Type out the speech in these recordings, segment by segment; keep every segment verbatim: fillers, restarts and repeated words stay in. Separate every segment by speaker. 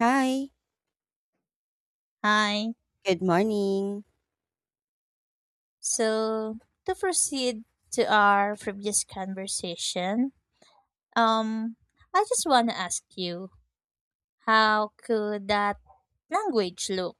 Speaker 1: Hi,
Speaker 2: Hi.
Speaker 1: good morning.
Speaker 2: So, to proceed to our previous conversation, um, I just want to ask you, how could that language look?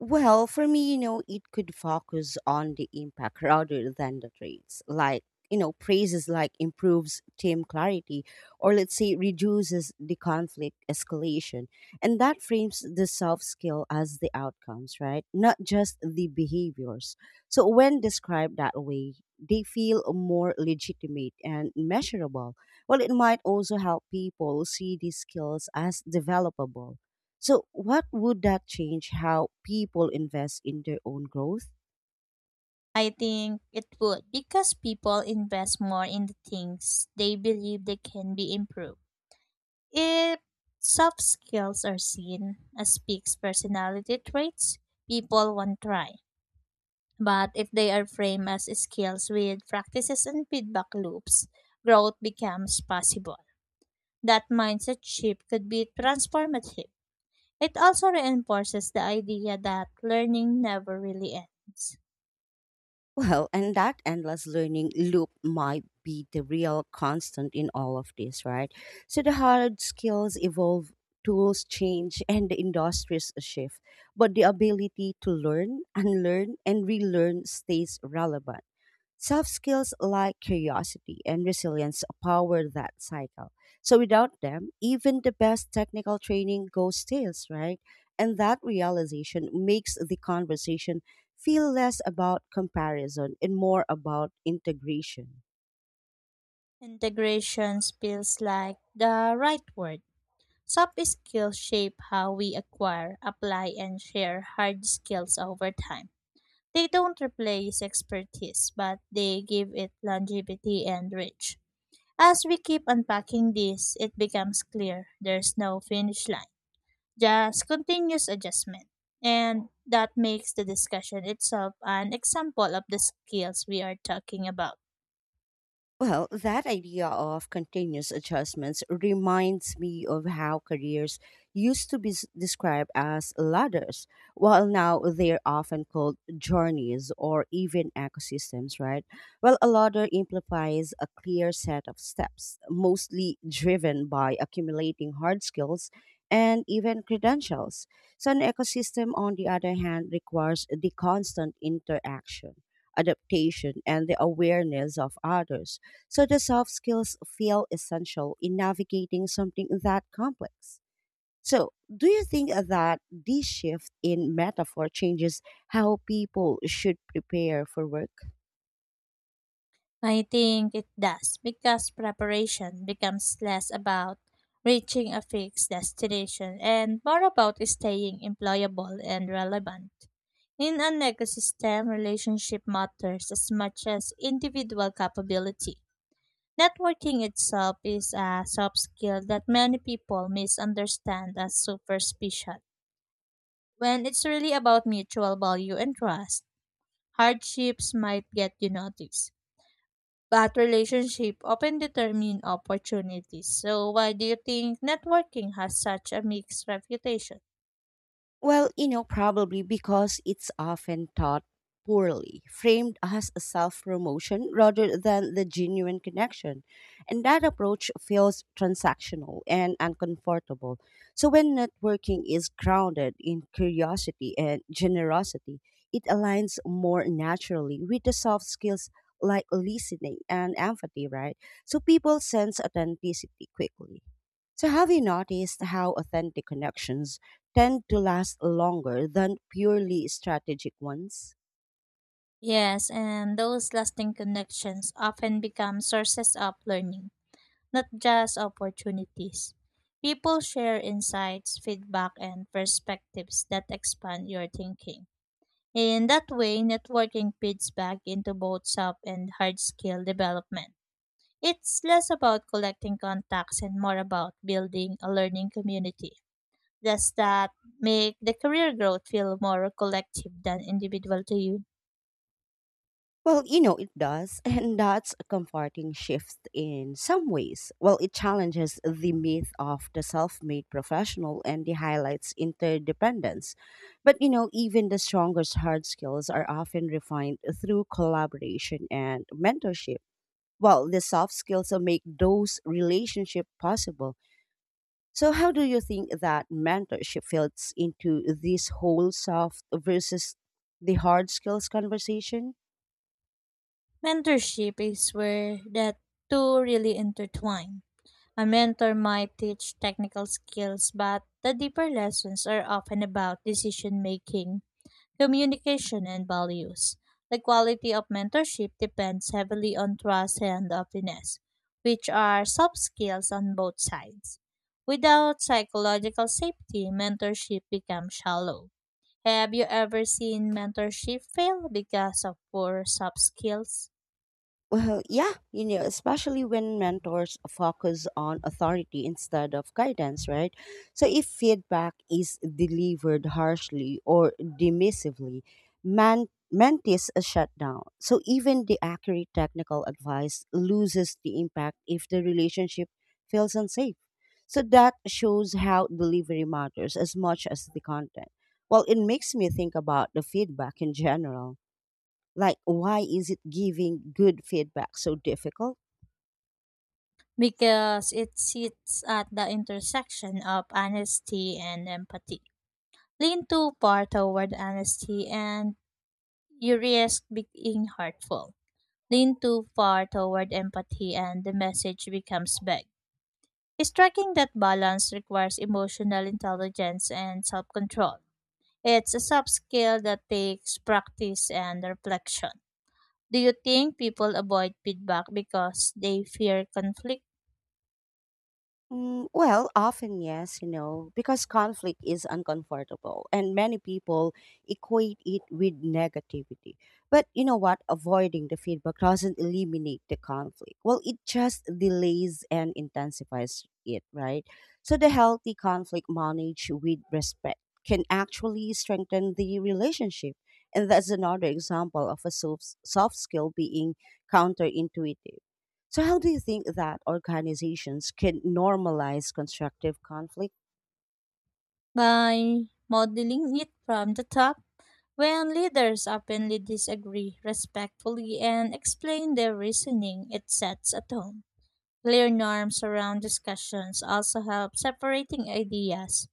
Speaker 1: Well, for me, you know, it could focus on the impact rather than the traits. Like, you know, praises like improves team clarity, or let's say reduces the conflict escalation. And that frames the soft skill as the outcomes, right? Not just the behaviors. So when described that way, they feel more legitimate and measurable. Well, it might also help people see these skills as developable. So, what would that change how people invest in their own growth?
Speaker 2: I think it would because people invest more in the things they believe they can be improved. If soft skills are seen as big personality traits, people won't try. But if they are framed as skills with practices and feedback loops, growth becomes possible. That mindset shift could be transformative. It also reinforces the idea that learning never really ends.
Speaker 1: Well, and that endless learning loop might be the real constant in all of this, right? So, the hard skills evolve, tools change, and the industries shift. But the ability to learn, unlearn, and relearn stays relevant. Soft skills like curiosity and resilience power that cycle. So without them, even the best technical training goes stales, right? And that realization makes the conversation feel less about comparison and more about integration.
Speaker 2: Integration feels like the right word. Soft skills shape how we acquire, apply, and share hard skills over time. They don't replace expertise, but they give it longevity and reach. As we keep unpacking this, it becomes clear there's no finish line, just continuous adjustment. And that makes the discussion itself an example of the skills we are talking about.
Speaker 1: Well, that idea of continuous adjustments reminds me of how careers used to be s- described as ladders, while now they're often called journeys or even ecosystems, right? Well, a ladder implies a clear set of steps, mostly driven by accumulating hard skills and even credentials. So, an ecosystem, on the other hand, requires the constant interaction, adaptation, and the awareness of others, so the soft skills feel essential in navigating something that complex. So, do you think that this shift in metaphor changes how people should prepare for work?
Speaker 2: I think it does because preparation becomes less about reaching a fixed destination and more about staying employable and relevant. In an ecosystem, relationship matters as much as individual capability. Networking itself is a soft skill that many people misunderstand as superficial, when it's really about mutual value and trust. Hardships might get you noticed, but relationships often determine opportunities. So why do you think networking has such a mixed reputation?
Speaker 1: Well, you know, probably because it's often taught poorly, framed as a self promotion rather than the genuine connection. And that approach feels transactional and uncomfortable. So, when networking is grounded in curiosity and generosity, it aligns more naturally with the soft skills like listening and empathy, right? So, people sense authenticity quickly. So, have you noticed how authentic connections tend to last longer than purely strategic ones?
Speaker 2: Yes, and those lasting connections often become sources of learning, not just opportunities. People share insights, feedback, and perspectives that expand your thinking. In that way, networking feeds back into both soft and hard skill development. It's less about collecting contacts and more about building a learning community. Does that make the career growth feel more collective than individual to you?
Speaker 1: Well, you know, it does, and that's a comforting shift in some ways. Well, it challenges the myth of the self made professional, and it highlights interdependence. But, you know, even the strongest hard skills are often refined through collaboration and mentorship. Well, the soft skills that make those relationships possible. So, how do you think that mentorship fits into this whole soft versus the hard skills conversation?
Speaker 2: Mentorship is where that two really intertwine. A mentor might teach technical skills, but the deeper lessons are often about decision making, communication, and values. The quality of mentorship depends heavily on trust and openness, which are soft skills on both sides. Without psychological safety, mentorship becomes shallow. Have you ever seen mentorship fail because of poor soft skills?
Speaker 1: Well, yeah, you know, especially when mentors focus on authority instead of guidance, right? So if feedback is delivered harshly or dismissively, man- mentees are shut down. So even the accurate technical advice loses the impact if the relationship feels unsafe. So that shows how delivery matters as much as the content. Well, it makes me think about the feedback in general, like, why is it giving good feedback so difficult?
Speaker 2: Because it sits at the intersection of honesty and empathy. Lean too far toward honesty and you risk being hurtful. Lean too far toward empathy and the message becomes vague. Striking that balance requires emotional intelligence and self control. It's a soft skill that takes practice and reflection. Do you think people avoid feedback because they fear conflict?
Speaker 1: Mm, well, often yes, you know, because conflict is uncomfortable and many people equate it with negativity. But you know what? Avoiding the feedback doesn't eliminate the conflict. Well, it just delays and intensifies it, right? So the healthy conflict managed with respect can actually strengthen the relationship. And that's another example of a soft, soft skill being counterintuitive. So, how do you think that organizations can normalize constructive conflict?
Speaker 2: By modeling it from the top. When leaders openly disagree respectfully and explain their reasoning, it sets a tone. Clear norms around discussions also help, separating ideas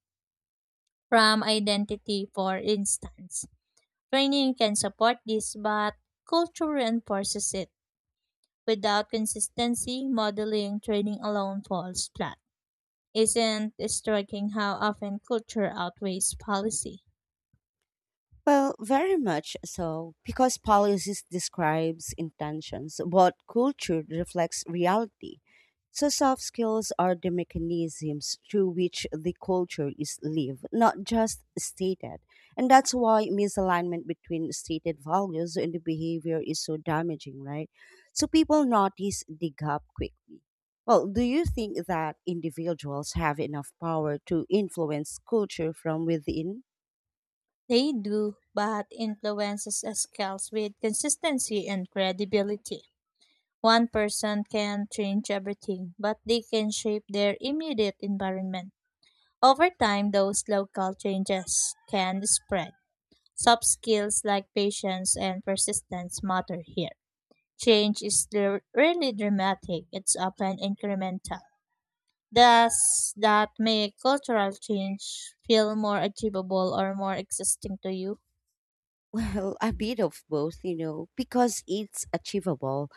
Speaker 2: from identity for instance. Training can support this, but culture reinforces it. Without consistency, modeling training alone falls flat. Isn't it striking how often culture outweighs policy?
Speaker 1: Well, very much so, because policies describes intentions, but culture reflects reality. So soft skills are the mechanisms through which the culture is lived, not just stated. And that's why misalignment between stated values and the behavior is so damaging, right? So people notice the gap quickly. Well, do you think that individuals have enough power to influence culture from within?
Speaker 2: They do, but influences scales with consistency and credibility. One person can change everything, but they can shape their immediate environment. Over time, those local changes can spread. Soft skills like patience and persistence matter here. Change is r- rarely dramatic, it's often incremental. Does that make cultural change feel more achievable or more existing to you?
Speaker 1: Well, a bit of both, you know, because it's achievable.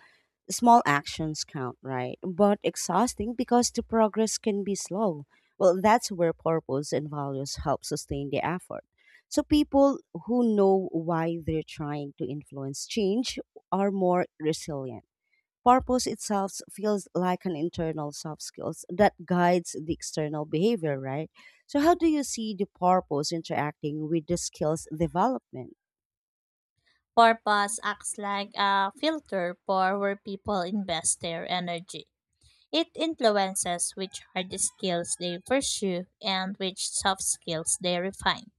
Speaker 1: Small actions count, right? But exhausting because the progress can be slow. Well, that's where purpose and values help sustain the effort. So people who know why they're trying to influence change are more resilient. Purpose itself feels like an internal soft skills that guides the external behavior, right? So how do you see the purpose interacting with the skills development?
Speaker 2: Purpose acts like a filter for where people invest their energy. It influences which hard skills they pursue and which soft skills they refine.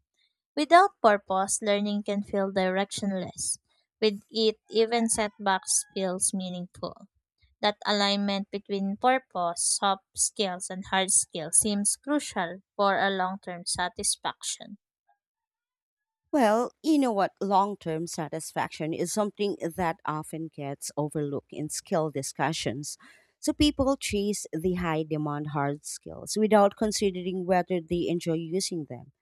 Speaker 2: Without purpose, learning can feel directionless. With it, even setbacks feels meaningful. That alignment between purpose, soft skills, and hard skills seems crucial for a long-term satisfaction.
Speaker 1: Well, you know what? Long term satisfaction is something that often gets overlooked in skill discussions. So people chase the high demand hard skills without considering whether they enjoy using them.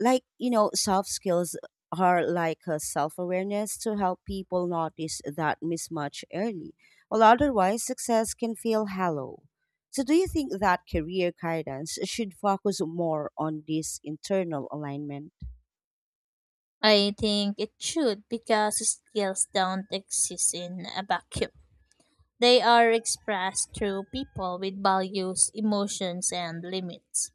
Speaker 1: Like, you know, soft skills are like a self awareness to help people notice that mismatch early, while otherwise success can feel hollow. So, do you think that career guidance should focus more on this internal alignment?
Speaker 2: I think it should because skills don't exist in a vacuum. They are expressed through people with values, emotions, and limits.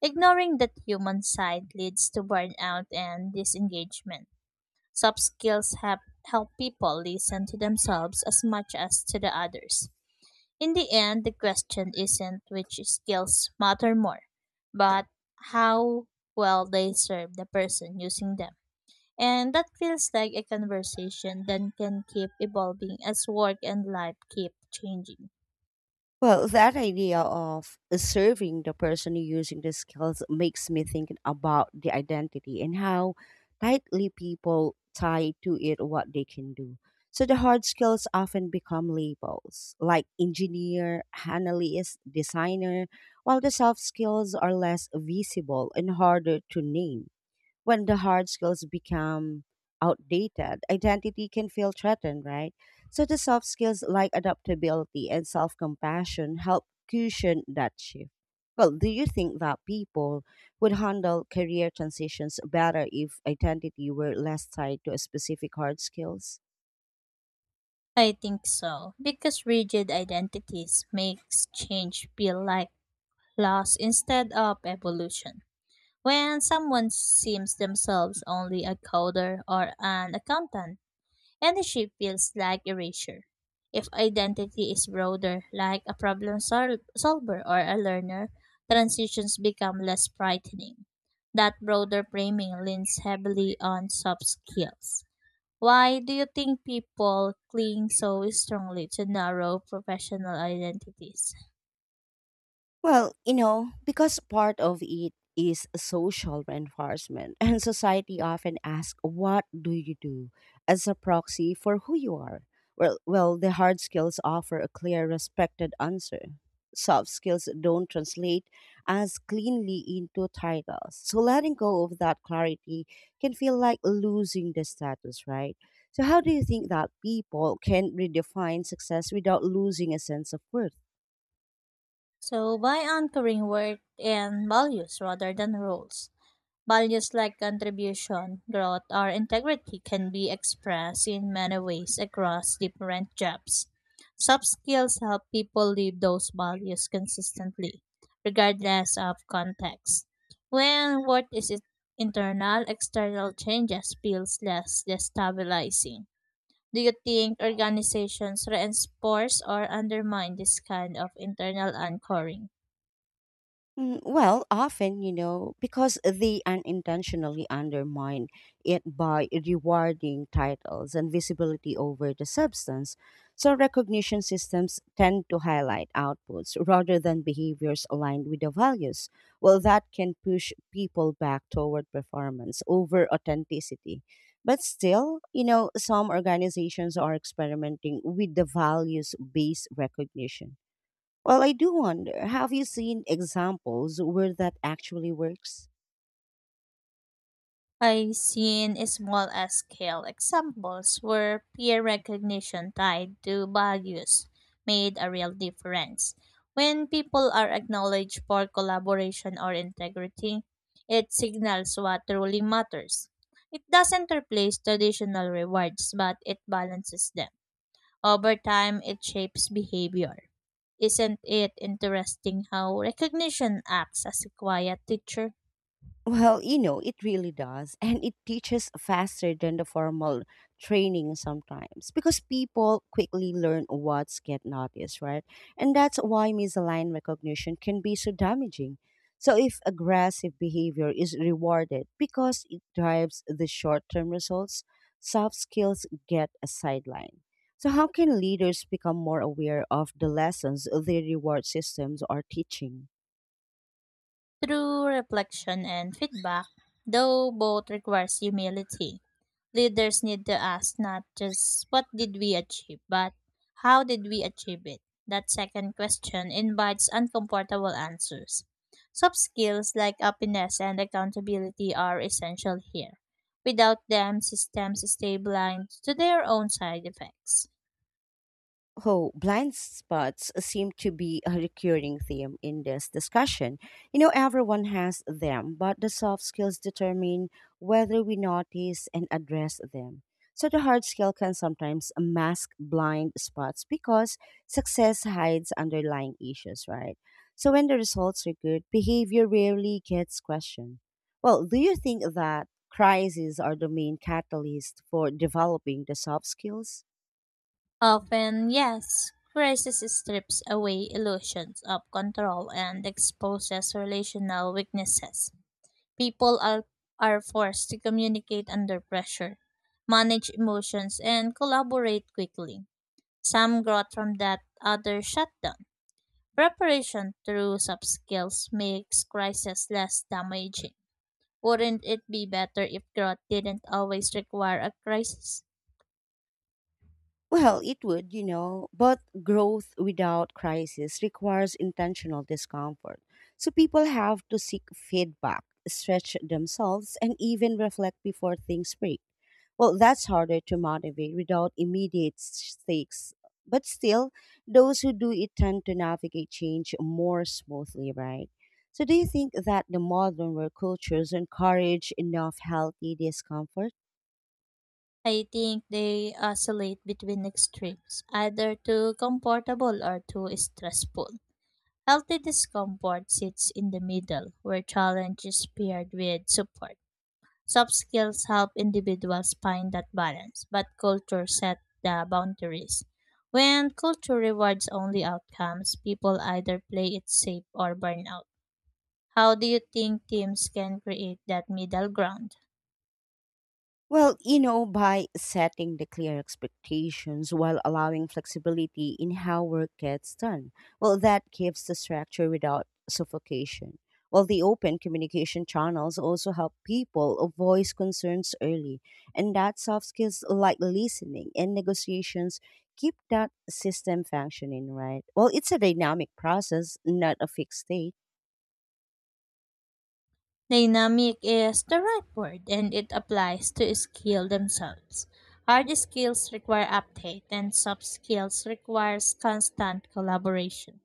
Speaker 2: Ignoring that human side leads to burnout and disengagement. Soft skills have help people listen to themselves as much as to the others. In the end, the question isn't which skills matter more, but how well they serve the person using them. And that feels like a conversation that can keep evolving as work and life keep changing.
Speaker 1: Well, that idea of serving the person using the skills makes me think about the identity and how tightly people tie to it what they can do. So the hard skills often become labels like engineer, analyst, designer, while the soft skills are less visible and harder to name when the hard skills become outdated, identity can feel threatened, right? So the soft skills like adaptability and self compassion help cushion that shift. Well, do you think that people would handle career transitions better if identity were less tied to a specific hard skills?
Speaker 2: I think so, because rigid identities makes change feel like loss instead of evolution. When someone seems themselves only a coder or an accountant, and the feels like erasure. If identity is broader, like a problem sol- solver or a learner, transitions become less frightening. That broader framing leans heavily on soft skills. Why do you think people cling so strongly to narrow professional identities?
Speaker 1: Well, you know, because part of it is social reinforcement, and society often asks, "What do you do?" as a proxy for who you are. Well, well, the hard skills offer a clear, respected answer. Soft skills don't translate as cleanly into titles. So letting go of that clarity can feel like losing the status, right? So, how do you think that people can redefine success without losing a sense of worth?
Speaker 2: So, by anchoring work and values rather than roles, values like contribution, growth, or integrity can be expressed in many ways across different jobs. Soft skills help people live those values consistently, regardless of context. When worth is it internal, external changes feels less destabilizing. Do you think organizations reinforce or undermine this kind of internal anchoring?
Speaker 1: Mm, Well, often, you know, because they unintentionally undermine it by rewarding titles and visibility over the substance. So, recognition systems tend to highlight outputs rather than behaviors aligned with the values. Well, that can push people back toward performance over authenticity. But still, you know, some organizations are experimenting with the values based recognition. Well, I do wonder, have you seen examples where that actually works?
Speaker 2: I've seen small scale examples where peer recognition tied to values made a real difference. When people are acknowledged for collaboration or integrity, it signals what truly matters. It doesn't replace traditional rewards, but it balances them. Over time, it shapes behavior. Isn't it interesting how recognition acts as a quiet teacher?
Speaker 1: Well, you know, it really does. And it teaches faster than the formal training sometimes because people quickly learn what's get noticed, right? And that's why misaligned recognition can be so damaging. So, if aggressive behavior is rewarded because it drives the short term results, soft skills get a sideline. So, how can leaders become more aware of the lessons their reward systems are teaching?
Speaker 2: Through reflection and feedback, though both requires humility, leaders need to ask not just what did we achieve, but how did we achieve it? That second question invites uncomfortable answers. Soft skills like openness and accountability are essential here. Without them, systems stay blind to their own side effects.
Speaker 1: Oh, blind spots seem to be a recurring theme in this discussion. You know, everyone has them, but the soft skills determine whether we notice and address them. So the hard skill can sometimes mask blind spots because success hides underlying issues, right? So when the results are good, behavior rarely gets questioned. Well, do you think that crises are the main catalyst for developing the soft skills?
Speaker 2: Often, yes. Crisis strips away illusions of control and exposes relational weaknesses. People are, are forced to communicate under pressure, manage emotions, and collaborate quickly. Some growth from that, others shut down. Preparation through soft skills makes crisis less damaging. Wouldn't it be better if growth didn't always require a crisis?
Speaker 1: Well, it would, you know, but growth without crisis requires intentional discomfort. So people have to seek feedback, stretch themselves, and even reflect before things break. Well, that's harder to motivate without immediate stakes. But still, those who do it tend to navigate change more smoothly, right? So, do you think that the modern work cultures encourage enough healthy discomfort?
Speaker 2: I think they oscillate between extremes, either too comfortable or too stressful. Healthy discomfort sits in the middle, where challenge is paired with support. Soft skills help individuals find that balance, but culture sets the boundaries. When culture rewards only outcomes, people either play it safe or burn out. How do you think teams can create that middle ground?
Speaker 1: Well, you know, by setting the clear expectations while allowing flexibility in how work gets done, well, that gives the structure without suffocation. While the open communication channels also help people voice concerns early, and that soft skills like listening and negotiations keep that system functioning, right? Well, it's a dynamic process, not a fixed state.
Speaker 2: Dynamic is the right word and it applies to skill themselves. Hard skills require update and soft skills requires constant collaboration.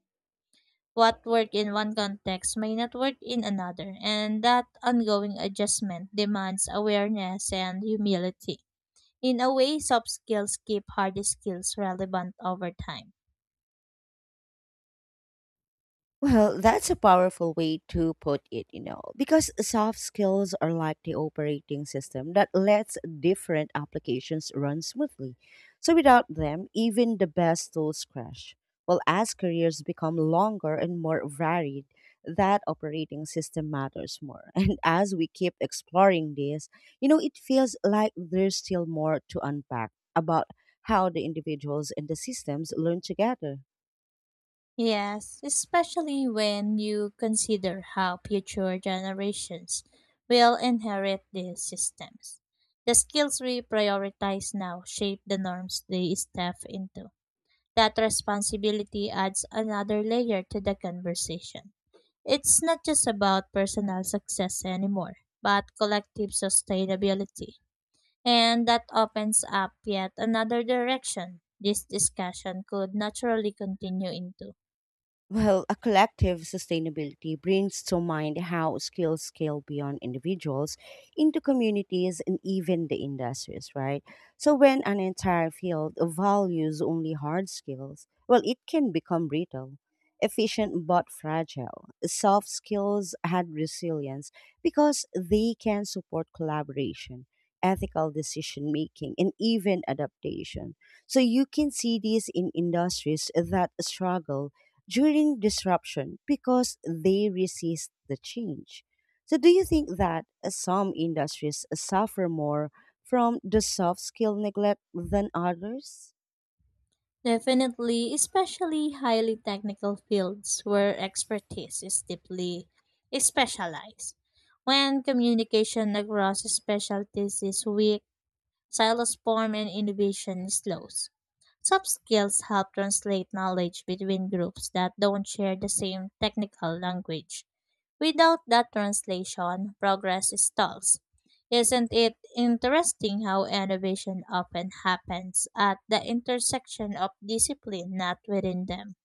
Speaker 2: What work in one context may not work in another, and that ongoing adjustment demands awareness and humility. In a way, soft skills keep hard skills relevant over time.
Speaker 1: Well, that's a powerful way to put it, you know, because soft skills are like the operating system that lets different applications run smoothly. So without them, even the best tools crash. Well, as careers become longer and more varied, that operating system matters more. And as we keep exploring this, you know, it feels like there's still more to unpack about how the individuals and the systems learn together.
Speaker 2: Yes, especially when you consider how future generations will inherit these systems. The skills we prioritize now shape the norms they step into. That responsibility adds another layer to the conversation. It's not just about personal success anymore, but collective sustainability. And that opens up yet another direction this discussion could naturally continue into.
Speaker 1: Well, a collective sustainability brings to mind how skills scale beyond individuals into communities and even the industries, right? So, when an entire field values only hard skills, well, it can become brittle, efficient but fragile. Soft skills had resilience because they can support collaboration, ethical decision making, and even adaptation. So, you can see this in industries that struggle during disruption because they resist the change. So, do you think that uh, some industries suffer more from the soft skill neglect than others?
Speaker 2: Definitely, especially highly technical fields where expertise is deeply specialized. When communication across specialties is weak, silos form and innovation slows. Soft skills help translate knowledge between groups that don't share the same technical language. Without that translation, progress stalls. Isn't it interesting how innovation often happens at the intersection of discipline, not within them?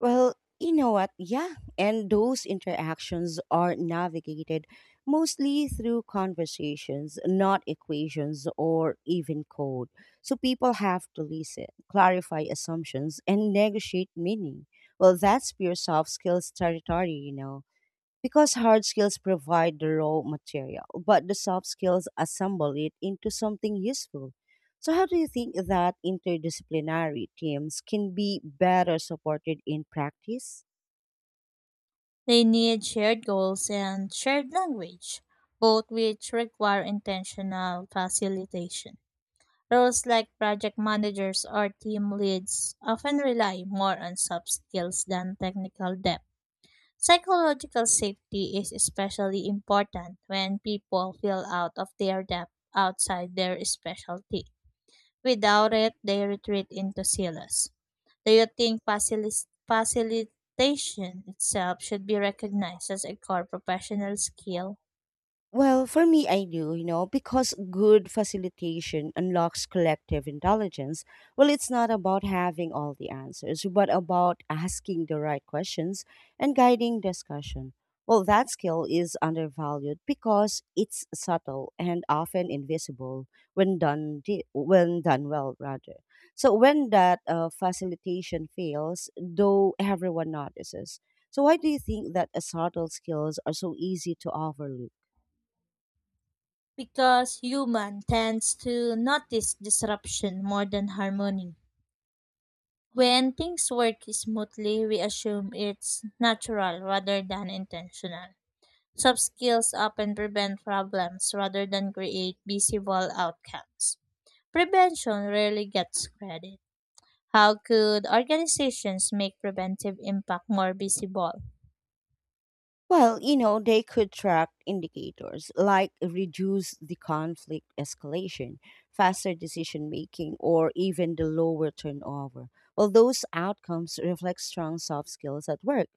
Speaker 1: Well, you know what? Yeah. And those interactions are navigated mostly through conversations, not equations or even code. So people have to listen, clarify assumptions, and negotiate meaning. Well, that's pure soft skills territory, you know. Because hard skills provide the raw material, but the soft skills assemble it into something useful. So, how do you think that interdisciplinary teams can be better supported in practice?
Speaker 2: They need shared goals and shared language, both which require intentional facilitation. Roles like project managers or team leads often rely more on soft skills than technical depth. Psychological safety is especially important when people feel out of their depth outside their specialty. Without it, they retreat into silos. Do you think facilis- facilitation itself should be recognized as a core professional skill?
Speaker 1: Well, for me, I do, you know, because good facilitation unlocks collective intelligence. Well, it's not about having all the answers, but about asking the right questions and guiding discussion. Well, that skill is undervalued because it's subtle and often invisible when done di- when done well, rather. So when that uh, facilitation fails, though everyone notices. So why do you think that uh, subtle skills are so easy to overlook?
Speaker 2: Because human tends to notice disruption more than harmony. When things work smoothly, we assume it's natural rather than intentional. Soft skills often prevent problems rather than create visible outcomes. Prevention rarely gets credit. How could organizations make preventive impact more visible?
Speaker 1: Well, you know, they could track indicators like reduce the conflict escalation, faster decision making, or even the lower turnover. Well, those outcomes reflect strong soft skills at work.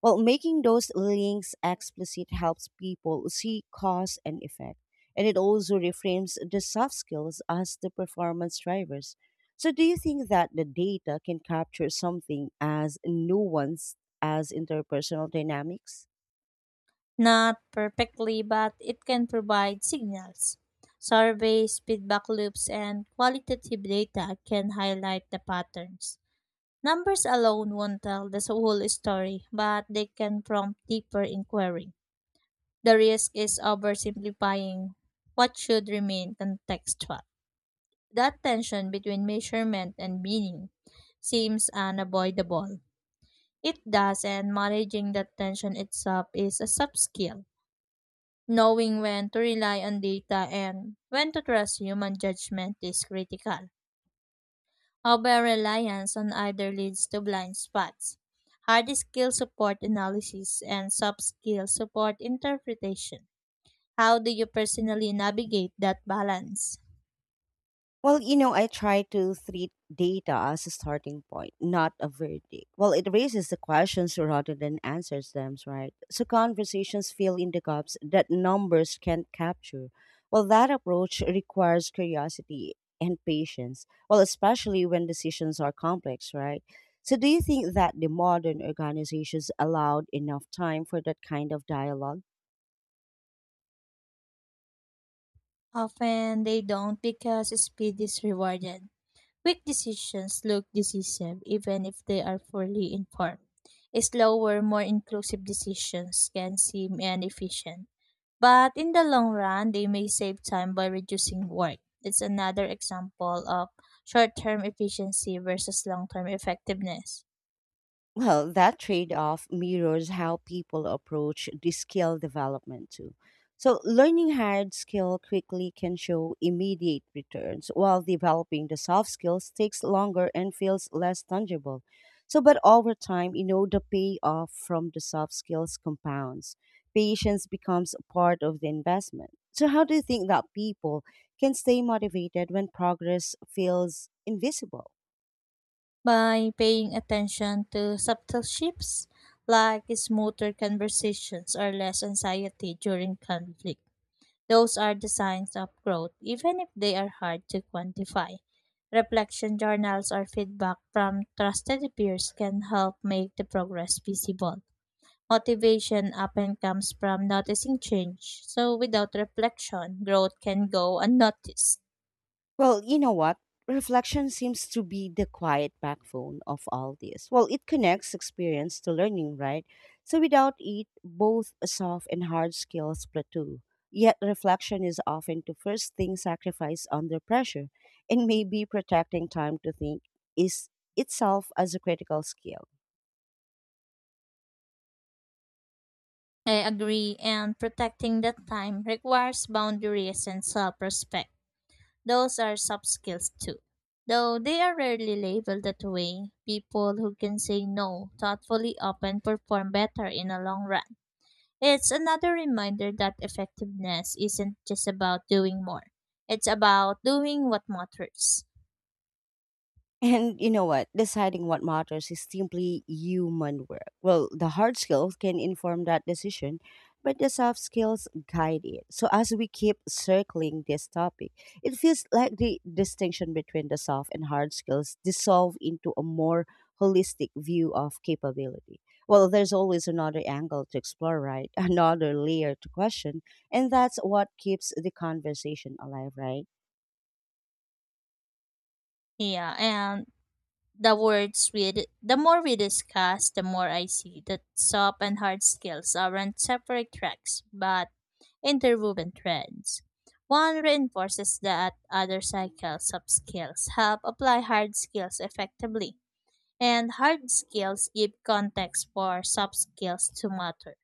Speaker 1: Well, making those links explicit helps people see cause and effect, and it also reframes the soft skills as the performance drivers. So, do you think that the data can capture something as nuanced as interpersonal dynamics?
Speaker 2: Not perfectly, but it can provide signals. Surveys, feedback loops, and qualitative data can highlight the patterns. Numbers alone won't tell the whole story, but they can prompt deeper inquiry. The risk is oversimplifying what should remain contextual. That tension between measurement and meaning seems unavoidable. It does, and managing that tension itself is a subskill. Knowing when to rely on data and when to trust human judgment is critical. Over-reliance on either leads to blind spots. Hard skills support analysis and soft skills support interpretation. How do you personally navigate that balance?
Speaker 1: Well, you know, I try to treat data as a starting point, not a verdict. Well, it raises the questions rather than answers them, right? So conversations fill in the gaps that numbers can't capture. Well, that approach requires curiosity and patience. Well, especially when decisions are complex, right? So do you think that the modern organizations allowed enough time for that kind of dialogue?
Speaker 2: Often they don't because speed is rewarded. Quick decisions look decisive even if they are fully informed. Slower, more inclusive decisions can seem inefficient. But in the long run, they may save time by reducing work. It's another example of short term efficiency versus long term effectiveness.
Speaker 1: Well, that trade off mirrors how people approach the skill development too. So, learning hard skill quickly can show immediate returns, while developing the soft skills takes longer and feels less tangible. So, but over time, you know, the payoff from the soft skills compounds. Patience becomes part of the investment. So, how do you think that people can stay motivated when progress feels invisible?
Speaker 2: By paying attention to subtle shifts, like smoother conversations or less anxiety during conflict, those are the signs of growth, even if they are hard to quantify. Reflection journals or feedback from trusted peers can help make the progress visible. Motivation often comes from noticing change, so without reflection, growth can go unnoticed.
Speaker 1: Well, you know what? Reflection seems to be the quiet backbone of all this. Well, it connects experience to learning, right? So without it, both soft and hard skills plateau. Yet reflection is often the first thing sacrificed under pressure, and maybe protecting time to think is itself as a critical skill.
Speaker 2: I agree, and protecting that time requires boundaries and self respect. Those are soft skills too. Though they are rarely labeled that way, people who can say no thoughtfully often perform better in the long run. It's another reminder that effectiveness isn't just about doing more, it's about doing what matters.
Speaker 1: And you know what? Deciding what matters is simply human work. Well, the hard skills can inform that decision, but the soft skills guide it. So, as we keep circling this topic, it feels like the distinction between the soft and hard skills dissolve into a more holistic view of capability. Well, there's always another angle to explore, right? Another layer to question. And that's what keeps the conversation alive, right?
Speaker 2: Yeah, and the words we the more we discuss, the more I see that soft and hard skills aren't separate tracks but interwoven threads. One reinforces that other cycles of skills help apply hard skills effectively, and hard skills give context for soft skills to matter.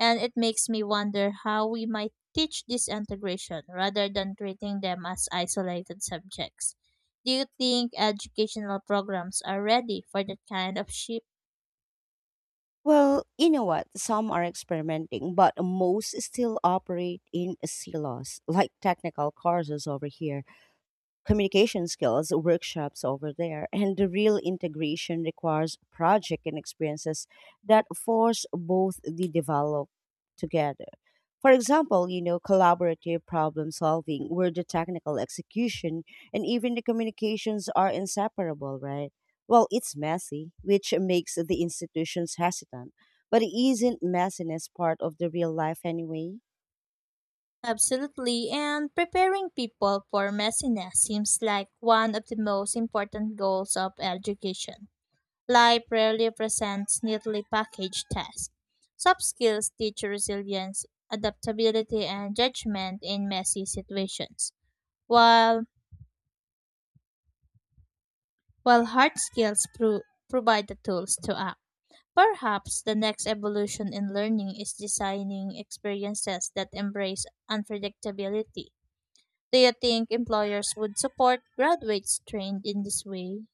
Speaker 2: And it makes me wonder how we might teach this integration rather than treating them as isolated subjects. Do you think educational programs are ready for that kind of shift?
Speaker 1: Well, you know what? Some are experimenting, but most still operate in silos, like technical courses over here, communication skills workshops over there, and the real integration requires project and experiences that force both the develop together. For example, you know collaborative problem solving where the technical execution and even the communications are inseparable, right? Well, it's messy, which makes the institutions hesitant, but isn't messiness part of the real life anyway?
Speaker 2: Absolutely, and preparing people for messiness seems like one of the most important goals of education. Life rarely presents neatly packaged tasks. Soft skills teach resilience, adaptability, and judgment in messy situations, while while hard skills pro- provide the tools to act. Perhaps the next evolution in learning is designing experiences that embrace unpredictability. Do you think employers would support graduates trained in this way?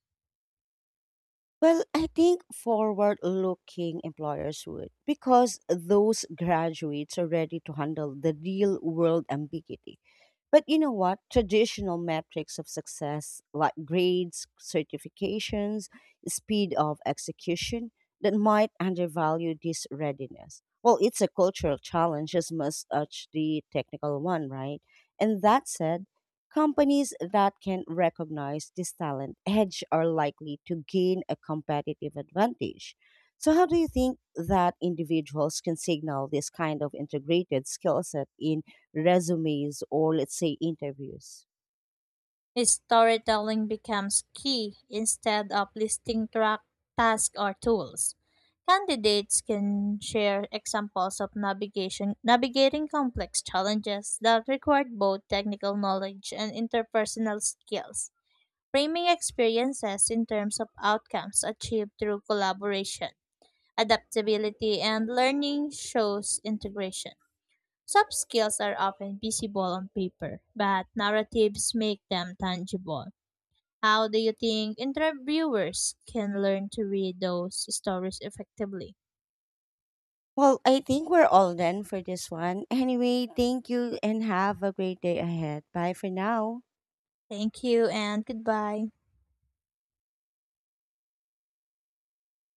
Speaker 1: Well, I think forward looking employers would because those graduates are ready to handle the real world ambiguity. But you know what? Traditional metrics of success, like grades, certifications, speed of execution, that might undervalue this readiness. Well, it's a cultural challenge as much as the technical one, right? And that said, companies that can recognize this talent edge are likely to gain a competitive advantage. So, how do you think that individuals can signal this kind of integrated skill set in resumes, or let's say interviews?
Speaker 2: Storytelling becomes key instead of listing track, tasks or tools. Candidates can share examples of navigation navigating complex challenges that required both technical knowledge and interpersonal skills, framing experiences in terms of outcomes achieved through collaboration, adaptability, and learning shows integration. Soft skills are often visible on paper, but narratives make them tangible. How do you think interviewers can learn to read those stories effectively?
Speaker 1: Well, I think we're all done for this one. Anyway, thank you and have a great day ahead. Bye for now.
Speaker 2: Thank you and goodbye.